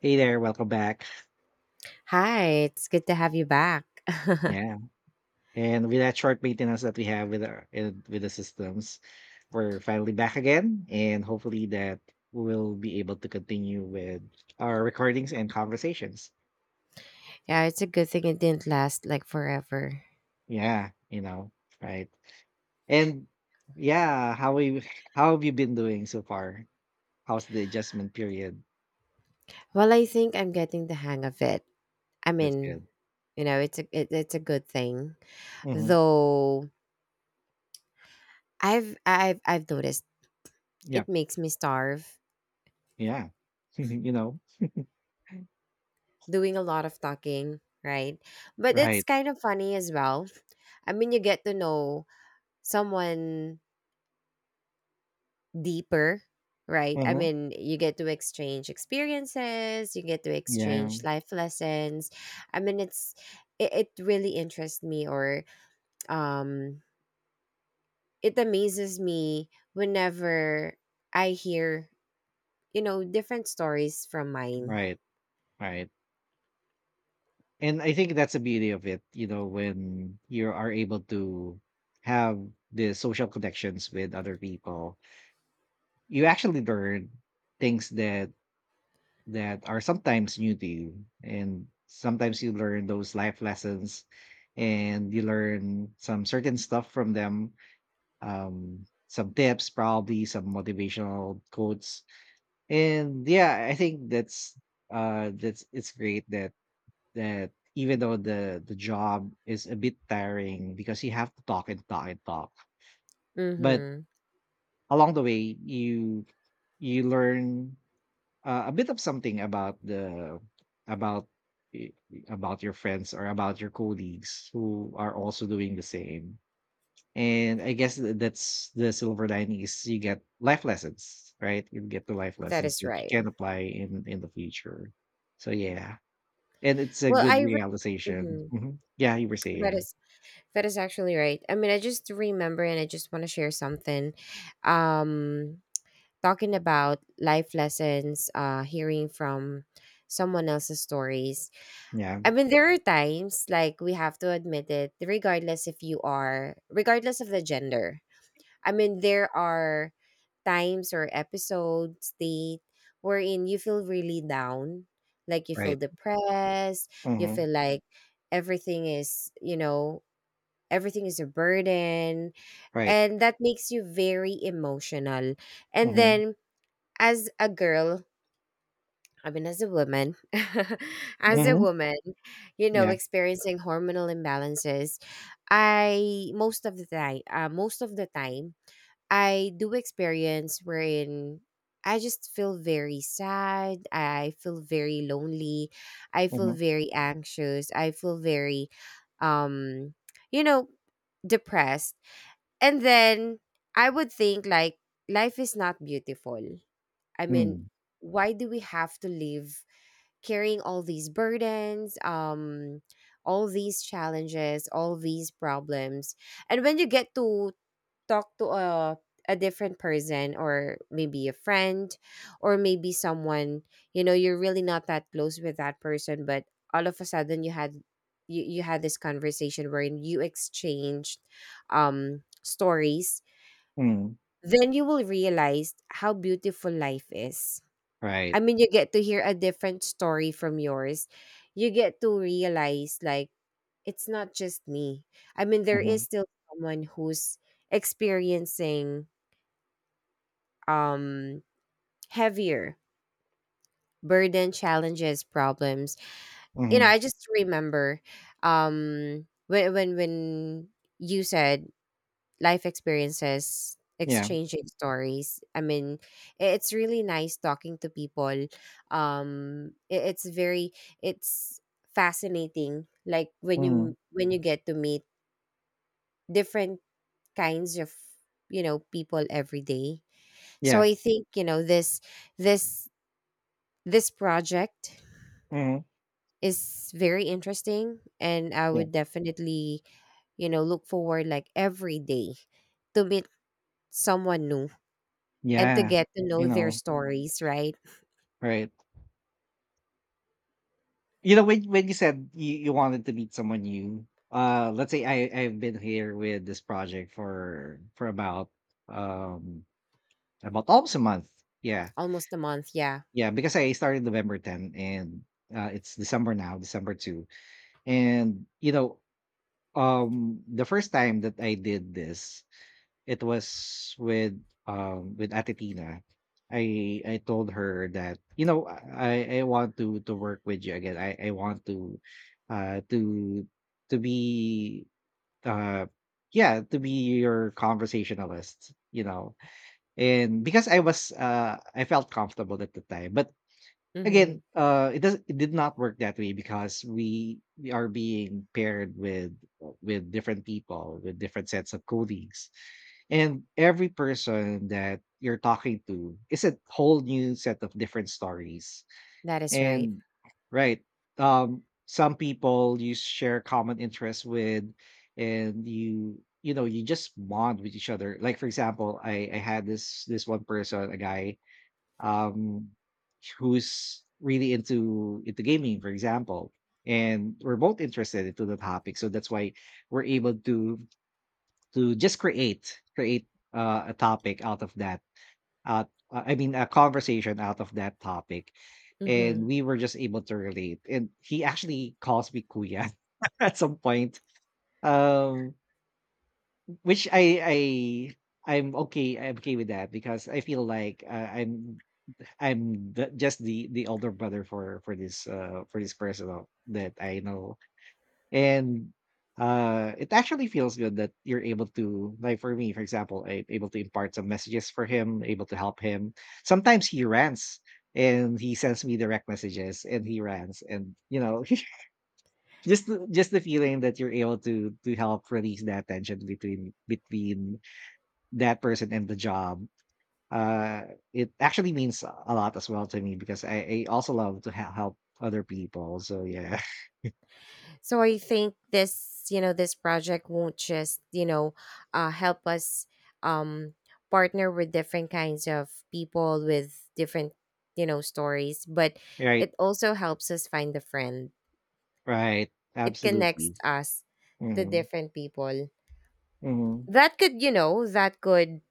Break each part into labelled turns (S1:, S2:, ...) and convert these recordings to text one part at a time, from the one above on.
S1: Hey there, welcome back.
S2: Hi, it's good to have you back.
S1: Yeah, and with that short maintenance that we have with with the systems, we're finally back again, and hopefully that we'll be able to continue with our recordings and conversations.
S2: Yeah, it's a good thing it didn't last like forever.
S1: Yeah, you know, right. And yeah, how have you been doing so far? How's the adjustment period?
S2: Well, I think I'm getting the hang of it. I
S1: That's
S2: mean,
S1: good.
S2: it's a good thing.
S1: Mm-hmm.
S2: Though I've noticed
S1: Yeah,
S2: it makes me starve
S1: yeah, you know,
S2: doing a lot of talking, right? But it's
S1: right.
S2: kind of funny as well. I mean, you get to know someone deeper, right? I
S1: Mm-hmm.
S2: mean, you get to exchange experiences, you get to
S1: Yeah,
S2: exchange life lessons. I mean, it really interests me, or um it amazes me whenever I hear, different stories from mine.
S1: right, right. And I think that's the beauty of it, you know, when you are able to have the social connections with other people, you actually learn things that are sometimes new to you. And sometimes you learn those life lessons and you learn some certain stuff from them. Some tips, probably some motivational quotes. And yeah, I think that's it's great that even though the job is a bit tiring because you have to talk and talk and talk, but
S2: Mhm.
S1: along the way you learn a bit of something about y- about your friends or about your colleagues who are also doing the same. And I guess that's the silver lining is you get life lessons, right? You get the life
S2: That
S1: lessons
S2: is
S1: that you
S2: right.
S1: can apply in the future. So yeah, and it's a
S2: Well,
S1: good realization.
S2: Mhm.
S1: Mhm. Yeah, you were
S2: That
S1: saying.
S2: is that is actually right. I mean, I just remember and I just want to share something. Um Talking about life lessons, hearing from someone else's stories.
S1: Yeah,
S2: I mean, there are times, like, we have to admit it, regardless if you are, regardless of the gender. I mean, there are times or episodes, date, wherein you feel really down, like you feel
S1: right.
S2: depressed, you
S1: Mhm,
S2: feel like everything is, you know, everything is a burden,
S1: right.
S2: and that makes you very emotional. And
S1: Mhm,
S2: then as a girl, I mean as a woman, as a
S1: mhm,
S2: woman,
S1: yeah,
S2: experiencing hormonal imbalances. I most of the time most of the time I do experience wherein I just feel very sad, I feel very lonely, I feel
S1: mhm,
S2: very anxious, I feel very um you know depressed. And then I would think like life is not beautiful. I mean,
S1: mm,
S2: why do we have to live carrying all these burdens, all these challenges, all these problems? And when you get to talk to a different person, or maybe a friend, or maybe someone, you're really not that close with that person, but all of a sudden you had this conversation wherein you exchanged stories.
S1: mm,
S2: Then you will realize how beautiful life is.
S1: right.
S2: I mean, you get to hear a different story from yours. You get to realize, like, it's not just me. I mean, there is
S1: Mhm,
S2: still someone who's experiencing um, heavier burden, challenges, problems.
S1: mhm,
S2: I just remember when you said life experiences,
S1: yeah,
S2: exchanging stories. I mean, it's really nice talking to people. Um, i- it's very it's fascinating. Like
S1: mhm,
S2: when you get to meet different kinds of people every day. So
S1: yeah,
S2: I think, this this project
S1: mhm,
S2: is very interesting, and I
S1: yeah,
S2: would definitely look forward, like every day, to meet someone new and to
S1: yeah,
S2: get to
S1: you
S2: know their
S1: know,
S2: stories, right?
S1: right. You know, when you said you wanted to meet someone new, let's say I've been here with this project for um about almost a month. Yeah,
S2: Almost a month, yeah.
S1: yeah, because I started November 10th, and it's December now, December 2nd. And you know, the first time that I did this, it was with Ate Tina. I told her that you know I want to work with you again. I want uh to to be uh yeah, to be your conversationalist, you know, and because I was I felt comfortable at the time. But
S2: Mm-hmm.
S1: again, it did not work that way because we are being paired with different people, with different sets of colleagues. And every person that you're talking to is a whole new set of different stories.
S2: That is right.
S1: And right, some people you share common interests with, and you know you just bond with each other. Like for example, I had this this one person, a guy um, who's really into gaming, for example, and we're both interested into the topic. So that's why we're able to just create a topic out of that. A conversation out of that topic, and
S2: Mm-hmm.
S1: we were just able to relate. And he actually calls me Kuya at some point, um, which I'm okay. I'm okay with that because I feel like I'm the, just the older brother for this person that I know, and it actually feels good that you're able to, like for me for example, I'm able to impart some messages for him, able to help him. Sometimes he rants and he sends me direct messages and he rants, and you know just the feeling that you're able to help release that tension between between that person and the job. uh it actually means a lot as well to me because I also love to help other people, so yeah.
S2: So I think this project won't just, help us um, partner with different kinds of people with different, stories, but
S1: Right,
S2: it also helps us find a friend.
S1: right.
S2: It connects
S1: Absolutely.
S2: us to
S1: Hmm.
S2: different people.
S1: Hmm.
S2: That could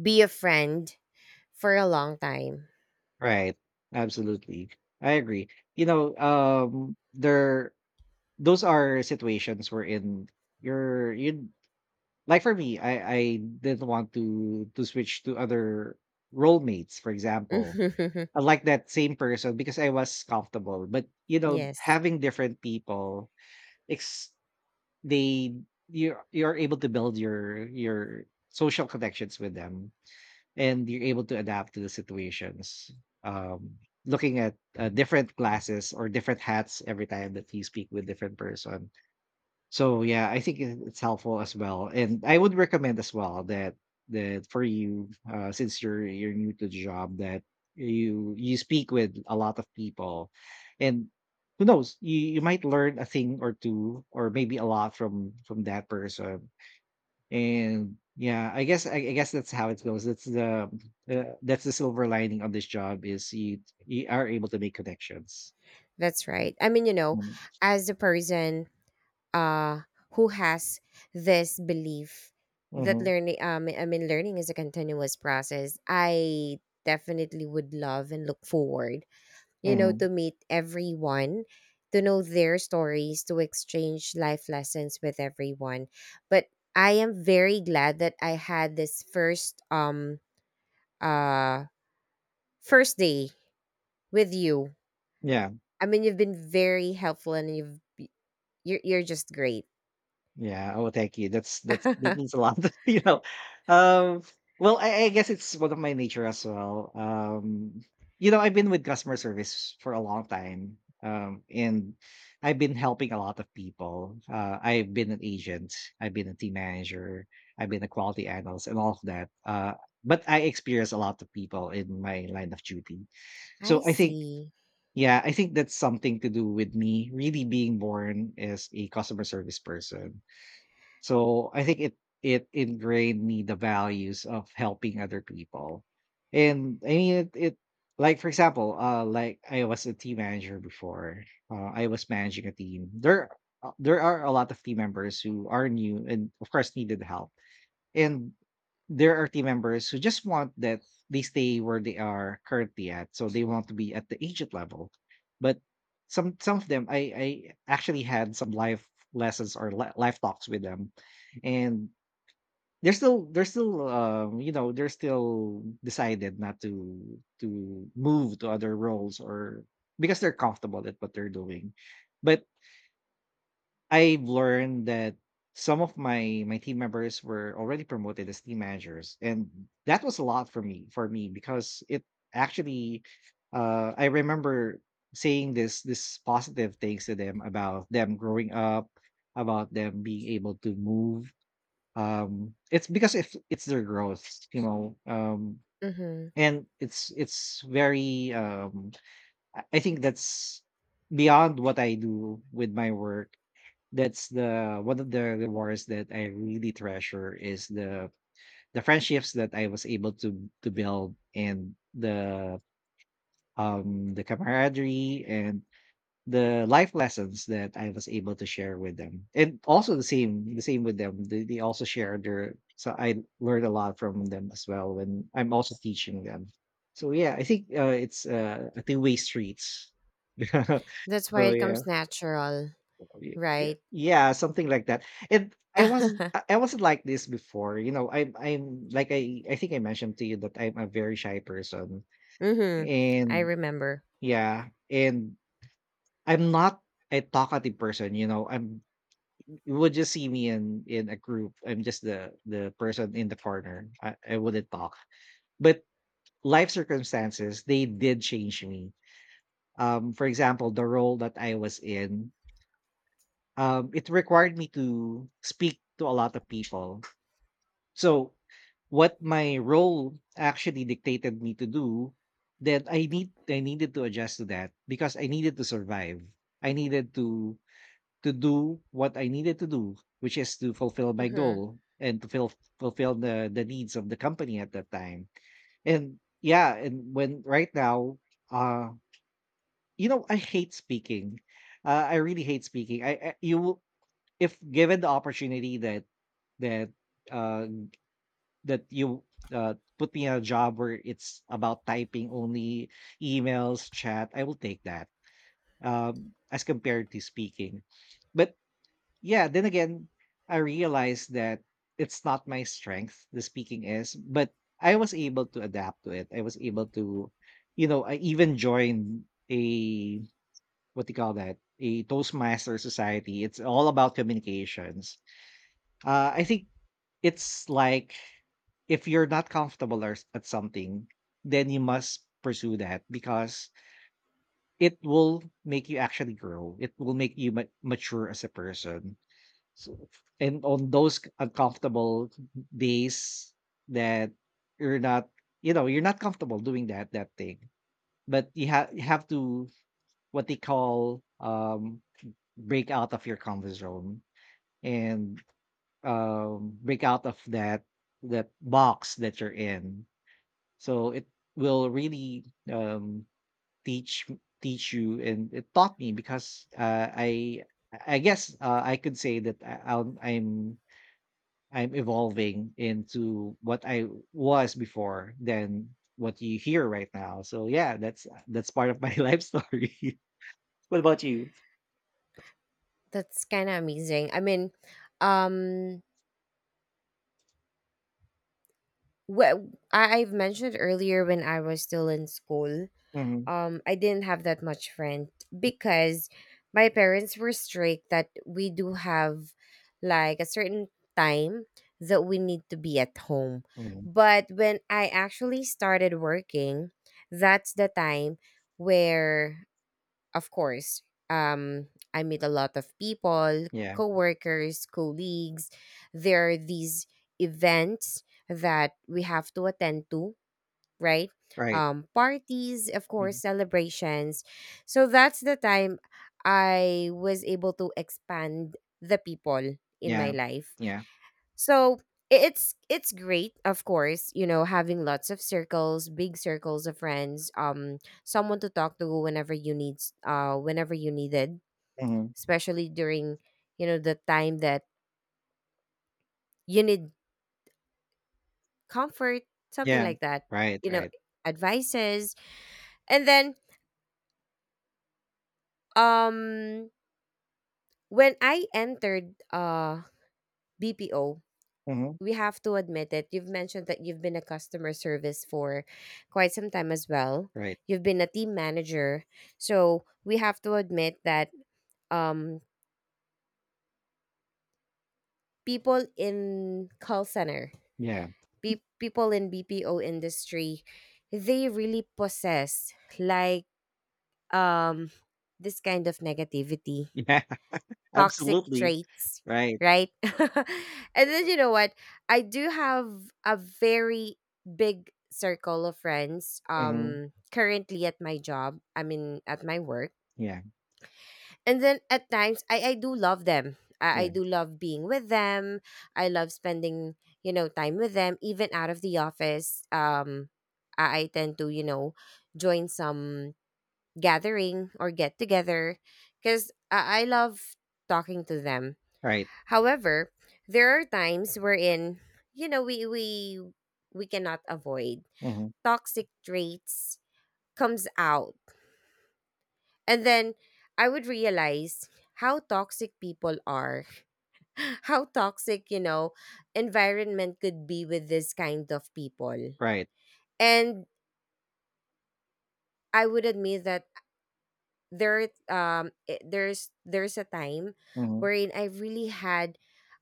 S2: be a friend for a long time.
S1: Right. Absolutely. I agree. You know, there, those are situations where in you're you, like for me, I didn't want to switch to other role mates for example. I like that same person because I was comfortable, but you know,
S2: Yes.
S1: having different people, it's they, you're able to build your social connections with them, and you're able to adapt to the situations. Um, looking at different glasses or different hats every time that you speak with different person. So, yeah, I think it it's helpful as well, and I would recommend as well that that for you, since you're new to the job, that you speak with a lot of people, and who knows, you might learn a thing or two, or maybe a lot from that person. And yeah, I guess that's how it goes. That's the silver lining on this job is you you are able to make connections.
S2: That's right. I mean,
S1: Mm-hmm.
S2: as a person, uh who has this belief that
S1: Mm-hmm.
S2: learning, I mean learning, is a continuous process, I definitely would love and look forward,
S1: Mm-hmm.
S2: to meet everyone, to know their stories, to exchange life lessons with everyone. But I am very glad that I had this uh first day with you.
S1: Yeah.
S2: I mean, you've been very helpful and you're just great.
S1: Yeah. Oh, thank you. That's that
S2: I
S1: means a lot, you know. Um, well, I guess it's one of my nature as well. You know, I've been with customer service for a long time, and I've been helping a lot of people. I've been an agent, I've been a team manager, I've been a quality analyst, and all of that. But I experience a lot of people in my line of duty. So I think,
S2: see.
S1: yeah, I think that's something to do with me really being born as a customer service person, so I think it ingrained me the values of helping other people. And I mean it, it like for example, uh, like I was a team manager before. I was managing a team. There are a lot of team members who are new and of course needed help. And there are team members who just want that they stay where they are currently at, so they want to be at the agent level, but some of them I actually had some life lessons or life talks with them, and they're still you know, they're still decided not to to move to other roles, or because they're comfortable at what they're doing. But I've learned that some of my my team members were already promoted as team managers, and that was a lot for me because it actually I remember saying this this positive things to them about them growing up, about them being able to move. It's because if it's their growth, you know,
S2: Hmm.
S1: and it's very I think that's beyond what I do with my work, that's the one of the rewards that I really treasure is the friendships that I was able to build and the camaraderie and the life lessons that I was able to share with them. And also the same with them. They also share their, so I learned a lot from them as well when I'm also teaching them. So yeah, I think it's a two-way streets. So
S2: That's why it
S1: yeah.
S2: comes natural, right?
S1: Yeah, something like that, and I wasn't like this before. You know, I'm like I think I mentioned to you that I'm a very shy person,
S2: Hmm. I
S1: and
S2: remember.
S1: yeah, and I'm not a talkative person, you know. I'm You would just see me in a group, I'm just the person in the corner. I wouldn't talk, but life circumstances they did change me. Um, for example, the role that I was in, um, it required me to speak to a lot of people. So, what my role actually dictated me to do, that I needed to adjust to that because I needed to survive. I needed to do what I needed to do, which is to fulfill my
S2: Hmm.
S1: goal and fulfill the needs of the company at that time. And yeah, and when right now, uh, you know, I hate speaking. I really hate speaking. If given the opportunity that that uh that you put me in a job where it's about typing only emails, chat, I will take that, as compared to speaking. But yeah, then again, I realized that it's not my strength, the speaking is, but I was able to adapt to it. I was able to, you know, I even joined a, what do you call that? A Toastmaster society. It's all about communications. I think it's like if you're not comfortable or at something, then you must pursue that because it will make you actually grow. It will make you mature as a person. So, and on those uncomfortable days that you're not, you're not comfortable doing that thing, but you have to what they call break out of your comfort zone and break out of that box that you're in. So it will really um, teach teach you, and it taught me because I guess I could say that I'm evolving into what I was before than what you hear right now. So yeah, that's part of my life story. What about you?
S2: That's kind of amazing. I mean, um, wh- I've mentioned earlier when I was still in school.
S1: Hmm.
S2: I didn't have that much friend because my parents were strict that we do have, like, a certain time that we need to be at home.
S1: Hmm.
S2: But when I actually started working, that's the time where, of course, um I meet a lot of people,
S1: Yeah.
S2: coworkers, colleagues. There are these events that we have to attend to, right?
S1: Right.
S2: Parties, of
S1: Mhm.
S2: course, celebrations. So that's the time I was able to expand the people in my
S1: Yeah.
S2: life.
S1: Yeah.
S2: So it's great, of course, having lots of circles, big circles of friends, someone to talk to whenever you needed,
S1: Hmm.
S2: especially during the time that you need comfort, something
S1: Yeah.
S2: like that,
S1: Right.
S2: you know,
S1: Right.
S2: advices. And then um when I entered BPO,
S1: Hmm.
S2: we have to admit it. You've mentioned that you've been a customer service for quite some time as well.
S1: Right.
S2: You've been a team manager. So we have to admit that um people in call center,
S1: Yeah.
S2: people in BPO industry, they really possess, like, um this kind of negativity,
S1: Yeah.
S2: toxic
S1: Absolutely.
S2: traits,
S1: Right.
S2: right? And then you know what? I do have a very big circle of friends,
S1: Mhm.
S2: currently at my job. I mean, at my work.
S1: Yeah,
S2: And then at times, I do love them. I
S1: yeah.
S2: do love being with them. I love spending time with them, even out of the office. I tend to join some gathering or get together, because I love talking to them.
S1: Right.
S2: However, there are times wherein you know we we we cannot avoid
S1: Mhm.
S2: toxic traits comes out. And then I would realize how toxic people are. How toxic environment could be with this kind of people.
S1: Right.
S2: And I would admit that there's a time
S1: Mhm.
S2: wherein I really had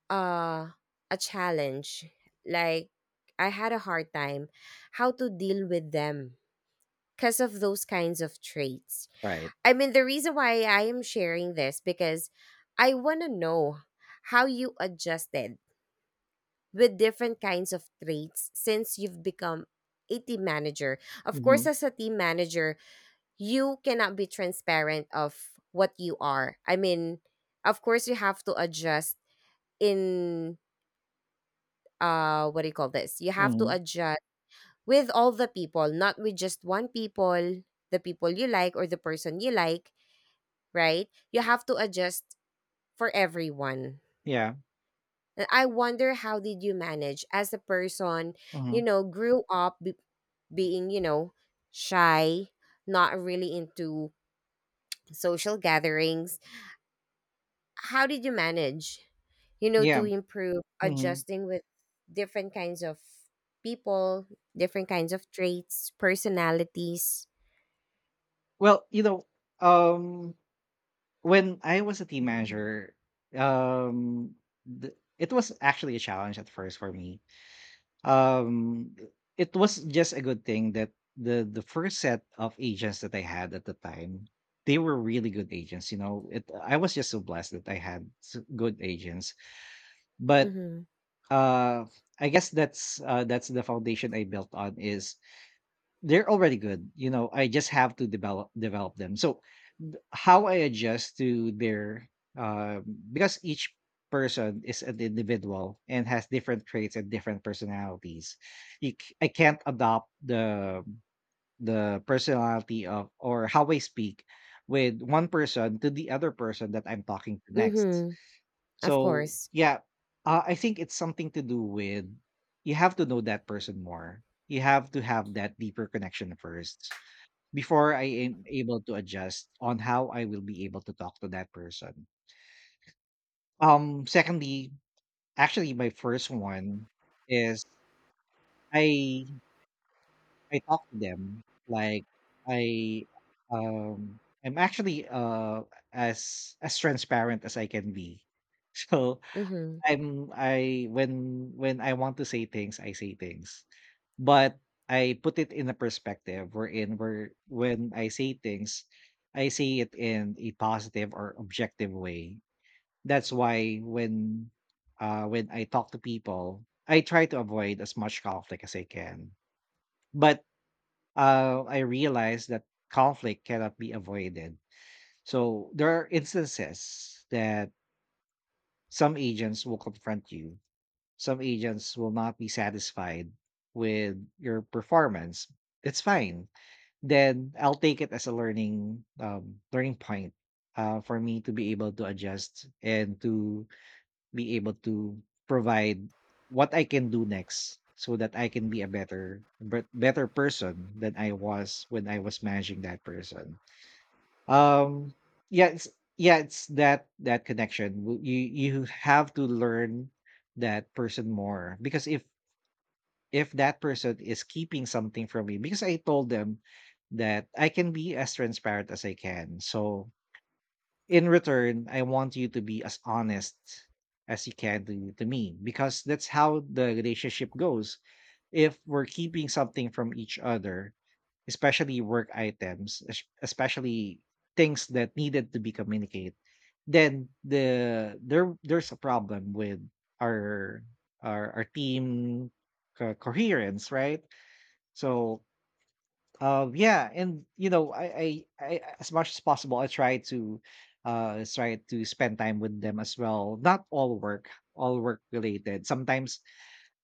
S2: uh a challenge, like, I had a hard time how to deal with them because of those kinds of traits.
S1: Right.
S2: I mean, the reason why I am sharing this, because I want to know how you adjusted with different kinds of traits since you've become a team manager. Of course,
S1: Mhm.
S2: as a team manager, you cannot be transparent of what you are. I mean, of course you have to adjust in, what do you call this, you have to
S1: Mhm.
S2: adjust with all the people, not with just one people, the people you like or the person you like, right? You have to adjust for everyone.
S1: Yeah.
S2: And I wonder, how did you manage as a person,
S1: Mhm.
S2: grew up being, shy, not really into social gatherings? How did you manage, to
S1: Yeah.
S2: improve
S1: Mhm.
S2: adjusting with different kinds of people, different kinds of traits, personalities?
S1: Well, um when I was a team manager, um it was actually a challenge at first for me. Um it was just a good thing that the first set of agents that I had at the time, they were really good agents. It I was just so blessed that I had good agents. But
S2: Mm-hmm.
S1: uh I guess that's the foundation I built on is they're already good. I just have to develop them. So how I adjust to their, um because each person is an individual and has different traits and different personalities. I can't adopt the personality of or how I speak with one person to the other person that I'm talking to next.
S2: Mm-hmm. Of
S1: So,
S2: course.
S1: yeah, I think it's something to do with you have to know that person more. You have to have that deeper connection first before I am able to adjust on how I will be able to talk to that person. Secondly, actually, my first one is I I talk to them like I um I'm actually as transparent as I can be. So
S2: Mm-hmm.
S1: I'm I when I want to say things, I say things. But I put it in a perspective wherein where when I say things, I say it in a positive or objective way. That's why when I talk to people, I try to avoid as much conflict as I can. But I realize that conflict cannot be avoided. So there are instances that some agents will confront you, some agents will not be satisfied with your performance. It's fine. Then I'll take it as a learning point, for me to be able to adjust and to be able to provide what I can do next so that I can be a better better person than I was when I was managing that person. um yeah, it's that that connection. You have to learn that person more, because if that person is keeping something from me, because I told them that I can be as transparent as I can. So in return, I want you to be as honest as you can to me, because that's how the relationship goes. If we're keeping something from each other, especially work items, especially things that needed to be communicated, then there's a problem with our our team coherence, right? So yeah, I as much as possible, I try to, try to spend time with them as well. Not all work, all work related. Sometimes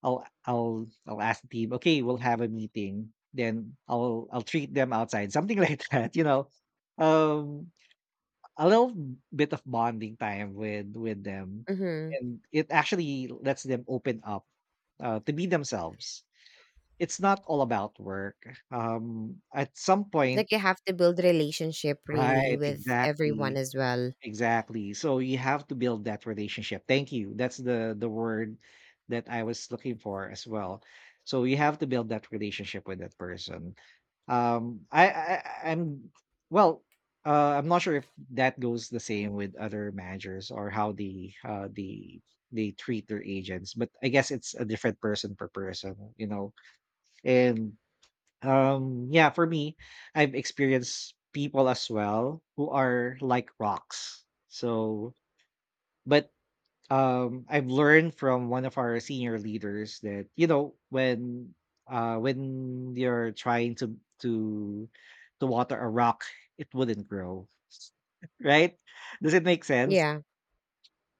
S1: I'll ask the team, "Okay, we'll have a meeting." Then I'll treat them outside, something like that, you know? Um, a little bit of bonding time with them,
S2: Mm-hmm.
S1: and it actually lets them open up, to be themselves. It's not all about work. At some point.
S2: Like, you have to build relationship really
S1: Right,
S2: with everyone
S1: exactly.
S2: as well.
S1: Exactly. So you have to build that relationship. Thank you. That's the word that I was looking for as well. So you have to build that relationship with that person. Um, I, I I am well. I'm not sure if that goes the same with other managers or how they treat their agents, but I guess it's a different person per person. And yeah, for me, I've experienced people as well who are like rocks. So, but I've learned from one of our senior leaders that when you're trying to water a rock, it wouldn't grow. Right? Does it make sense?
S2: Yeah.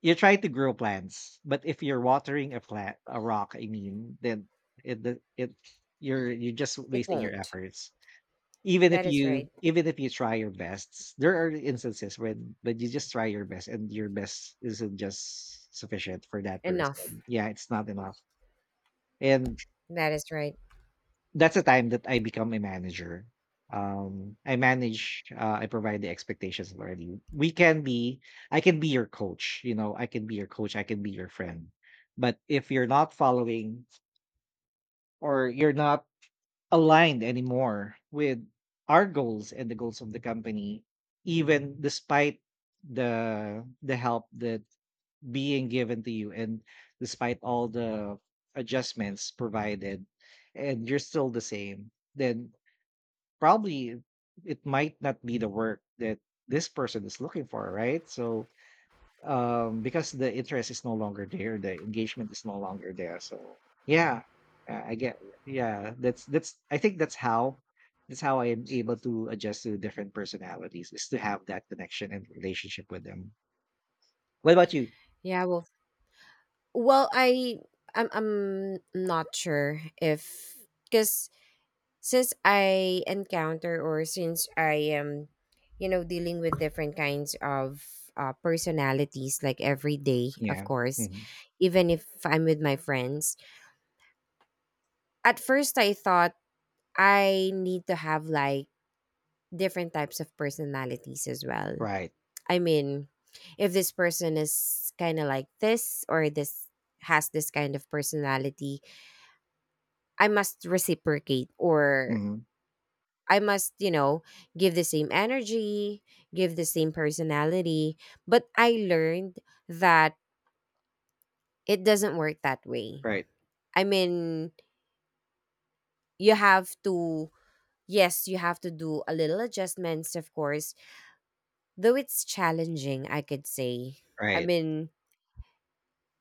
S1: You're trying to grow plants, but if you're watering a plant, a rock, I mean, then it you're just
S2: It
S1: wasting your
S2: won't.
S1: efforts.
S2: That is right.
S1: Even if you try your best, there are instances when you just try your best and your best isn't just sufficient for that
S2: Enough.
S1: person. Yeah, it's not enough. And
S2: That is right.
S1: that's the time that I become a manager. I provide the expectations already. I can be your coach, I can be your friend. But if you're not following, or you're not aligned anymore with our goals and the goals of the company, even despite the help that being given to you, and despite all the adjustments provided, and you're still the same, then probably it might not be the work that this person is looking for, right? So because the interest is no longer there, the engagement is no longer there. So yeah. I get Yeah, that's I think that's how I am able to adjust to different personalities, is to have that connection and relationship with them. What about you?
S2: Yeah. Well, I'm not sure if, because since I encounter, or since I am, dealing with different kinds of personalities, like, every day, of
S1: Yeah.
S2: course,
S1: Hmm.
S2: even if I'm with my friends. At first, I thought I need to have, like, different types of personalities as well.
S1: Right.
S2: I mean, if this person is kind of like this, or this has this kind of personality, I must reciprocate, or
S1: Hmm.
S2: I must, give the same energy, give the same personality. But I learned that it doesn't work that way.
S1: Right.
S2: I mean, you have to, yes, you have to do a little adjustments, of course, though it's challenging, I could say. I
S1: Right.
S2: mean,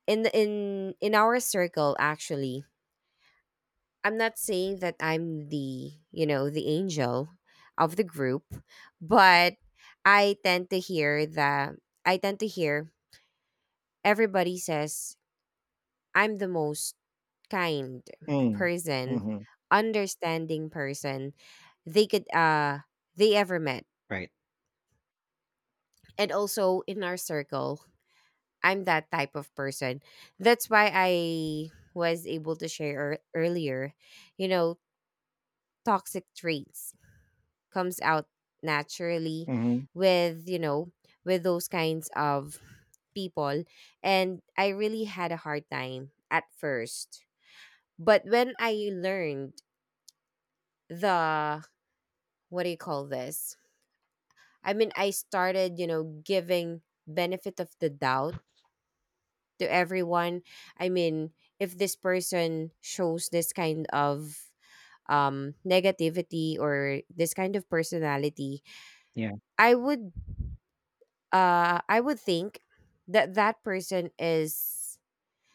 S2: in the- in our circle actually, I'm not saying that I'm the angel of the group, but I tend to hear that I tend to hear everybody says I'm the most kind
S1: Mm.
S2: person,
S1: Hmm.
S2: understanding person they could uh they ever met.
S1: Right.
S2: And also in our circle, I'm that type of person. That's why I was able to share earlier, you know, toxic traits comes out naturally
S1: Hmm.
S2: with, you know, with those kinds of people, and I really had a hard time at first. But when I learned the, what do you call this, I mean, I started, giving benefit of the doubt to everyone. I mean, if this person shows this kind of negativity, or this kind of personality,
S1: Yeah.
S2: I would I would think that that person is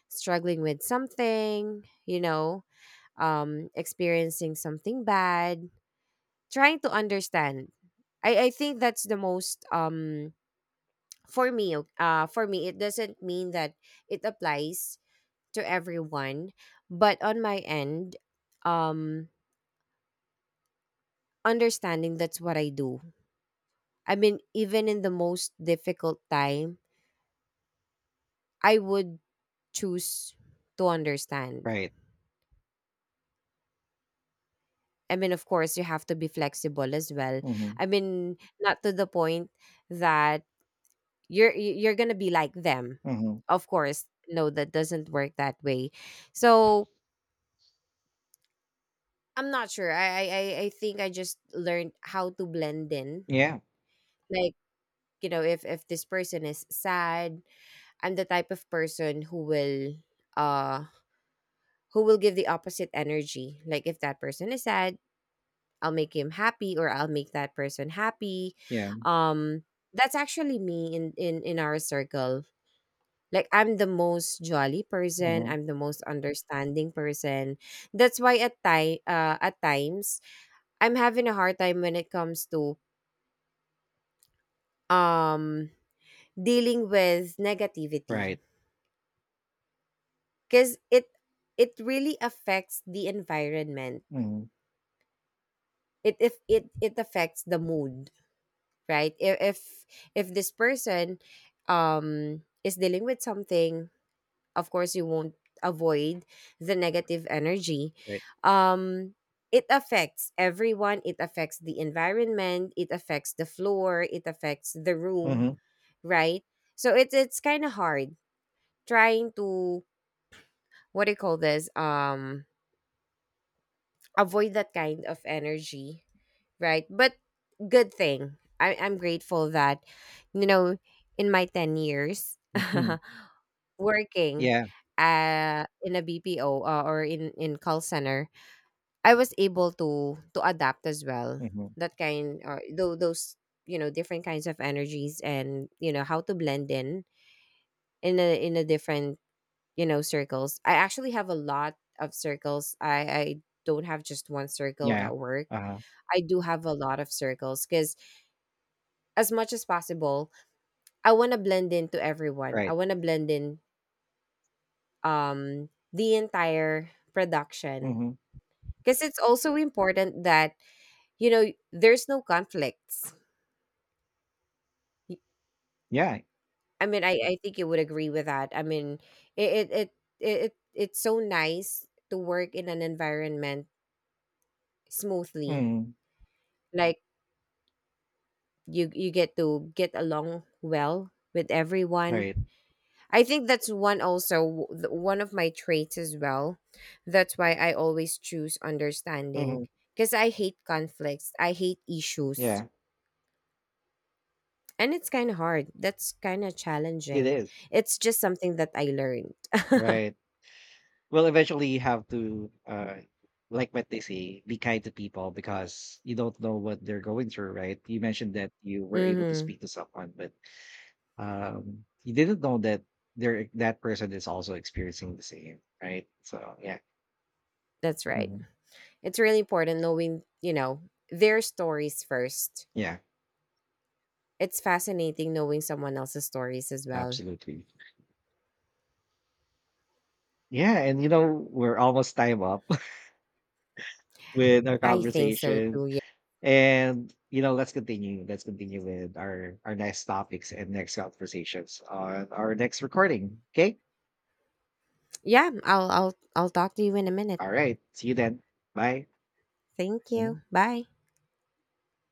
S2: struggling with something, experiencing something bad, trying to understand. I think that's the most, for me it doesn't mean that it applies to everyone, but on my end, um understanding, that's what I do. I mean, even in the most difficult time, I would choose to understand.
S1: Right.
S2: I mean, of course you have to be flexible as well.
S1: Hmm.
S2: I mean, not to the point that you're you're gonna be like them.
S1: Hmm.
S2: Of course, no, that doesn't work that way. So I'm not sure, I think I just learned how to blend in.
S1: Yeah.
S2: Like, if this person is sad, I'm the type of person who will, uh who will give the opposite energy, like, if that person is sad, I'll make him happy, or I'll make that person happy.
S1: Yeah.
S2: um that's actually me in our circle. Like, I'm the most jolly person,
S1: Hmm.
S2: I'm the most understanding person. That's why at times I'm having a hard time when it comes to um dealing with
S1: Right.
S2: negativity, because it really affects the environment.
S1: Hmm.
S2: It if it it affects the mood, right? If this person um is dealing with something, of course you won't avoid the negative energy.
S1: Right.
S2: Um it affects everyone, it affects the environment, it affects the floor, it affects the room,
S1: Hmm.
S2: right? So it's kind of hard trying to, what do you call this, avoid that kind of energy, right? But good thing, I'm grateful that, you know in my 10 years
S1: Hmm.
S2: working,
S1: Yeah.
S2: in a BPO, or in call center, I was able to adapt as well.
S1: Hmm.
S2: That kind, or those, different kinds of energies, and you know how to blend in in a different, circles. I actually have a lot of circles. I don't have just one circle
S1: Yeah.
S2: at work.
S1: Uh-huh.
S2: I do have a lot of circles because, as much as possible, I want to blend into everyone. I
S1: Right.
S2: want to blend in um the entire production,
S1: Mhm.
S2: because it's also important that there's no conflicts. Y
S1: Yeah.
S2: I mean, I think you would agree with that. I mean, it it it it's so nice to work in an environment smoothly.
S1: Mm.
S2: Like, you get to get along well with everyone.
S1: Right.
S2: I think that's one also, one of my traits as well. That's why I always choose understanding,
S1: Mhm.
S2: because I hate conflicts. I hate issues.
S1: Yeah.
S2: And it's kind of hard. That's kind of
S1: It
S2: challenging.
S1: is.
S2: It's just something that I learned.
S1: Right. Well, eventually you have to, like what they say, be kind to people because you don't know what they're going through, right? You mentioned that you were able to
S2: Mhm.
S1: speak to someone, but you didn't know that there that person is also experiencing the same, right? So yeah.
S2: That's right.
S1: Mhm.
S2: It's really important knowing, their stories first.
S1: Yeah,
S2: It's fascinating knowing someone else's stories as well.
S1: absolutely. Yeah, and we're almost time up with our
S2: I think so
S1: conversation.
S2: too. Yeah.
S1: And, let's continue. Let's continue with our next topics and next conversations on our next recording. Okay?
S2: Yeah, I'll talk to you in a minute.
S1: All right. See you then. Bye.
S2: Thank you.
S1: Mhm.
S2: Bye.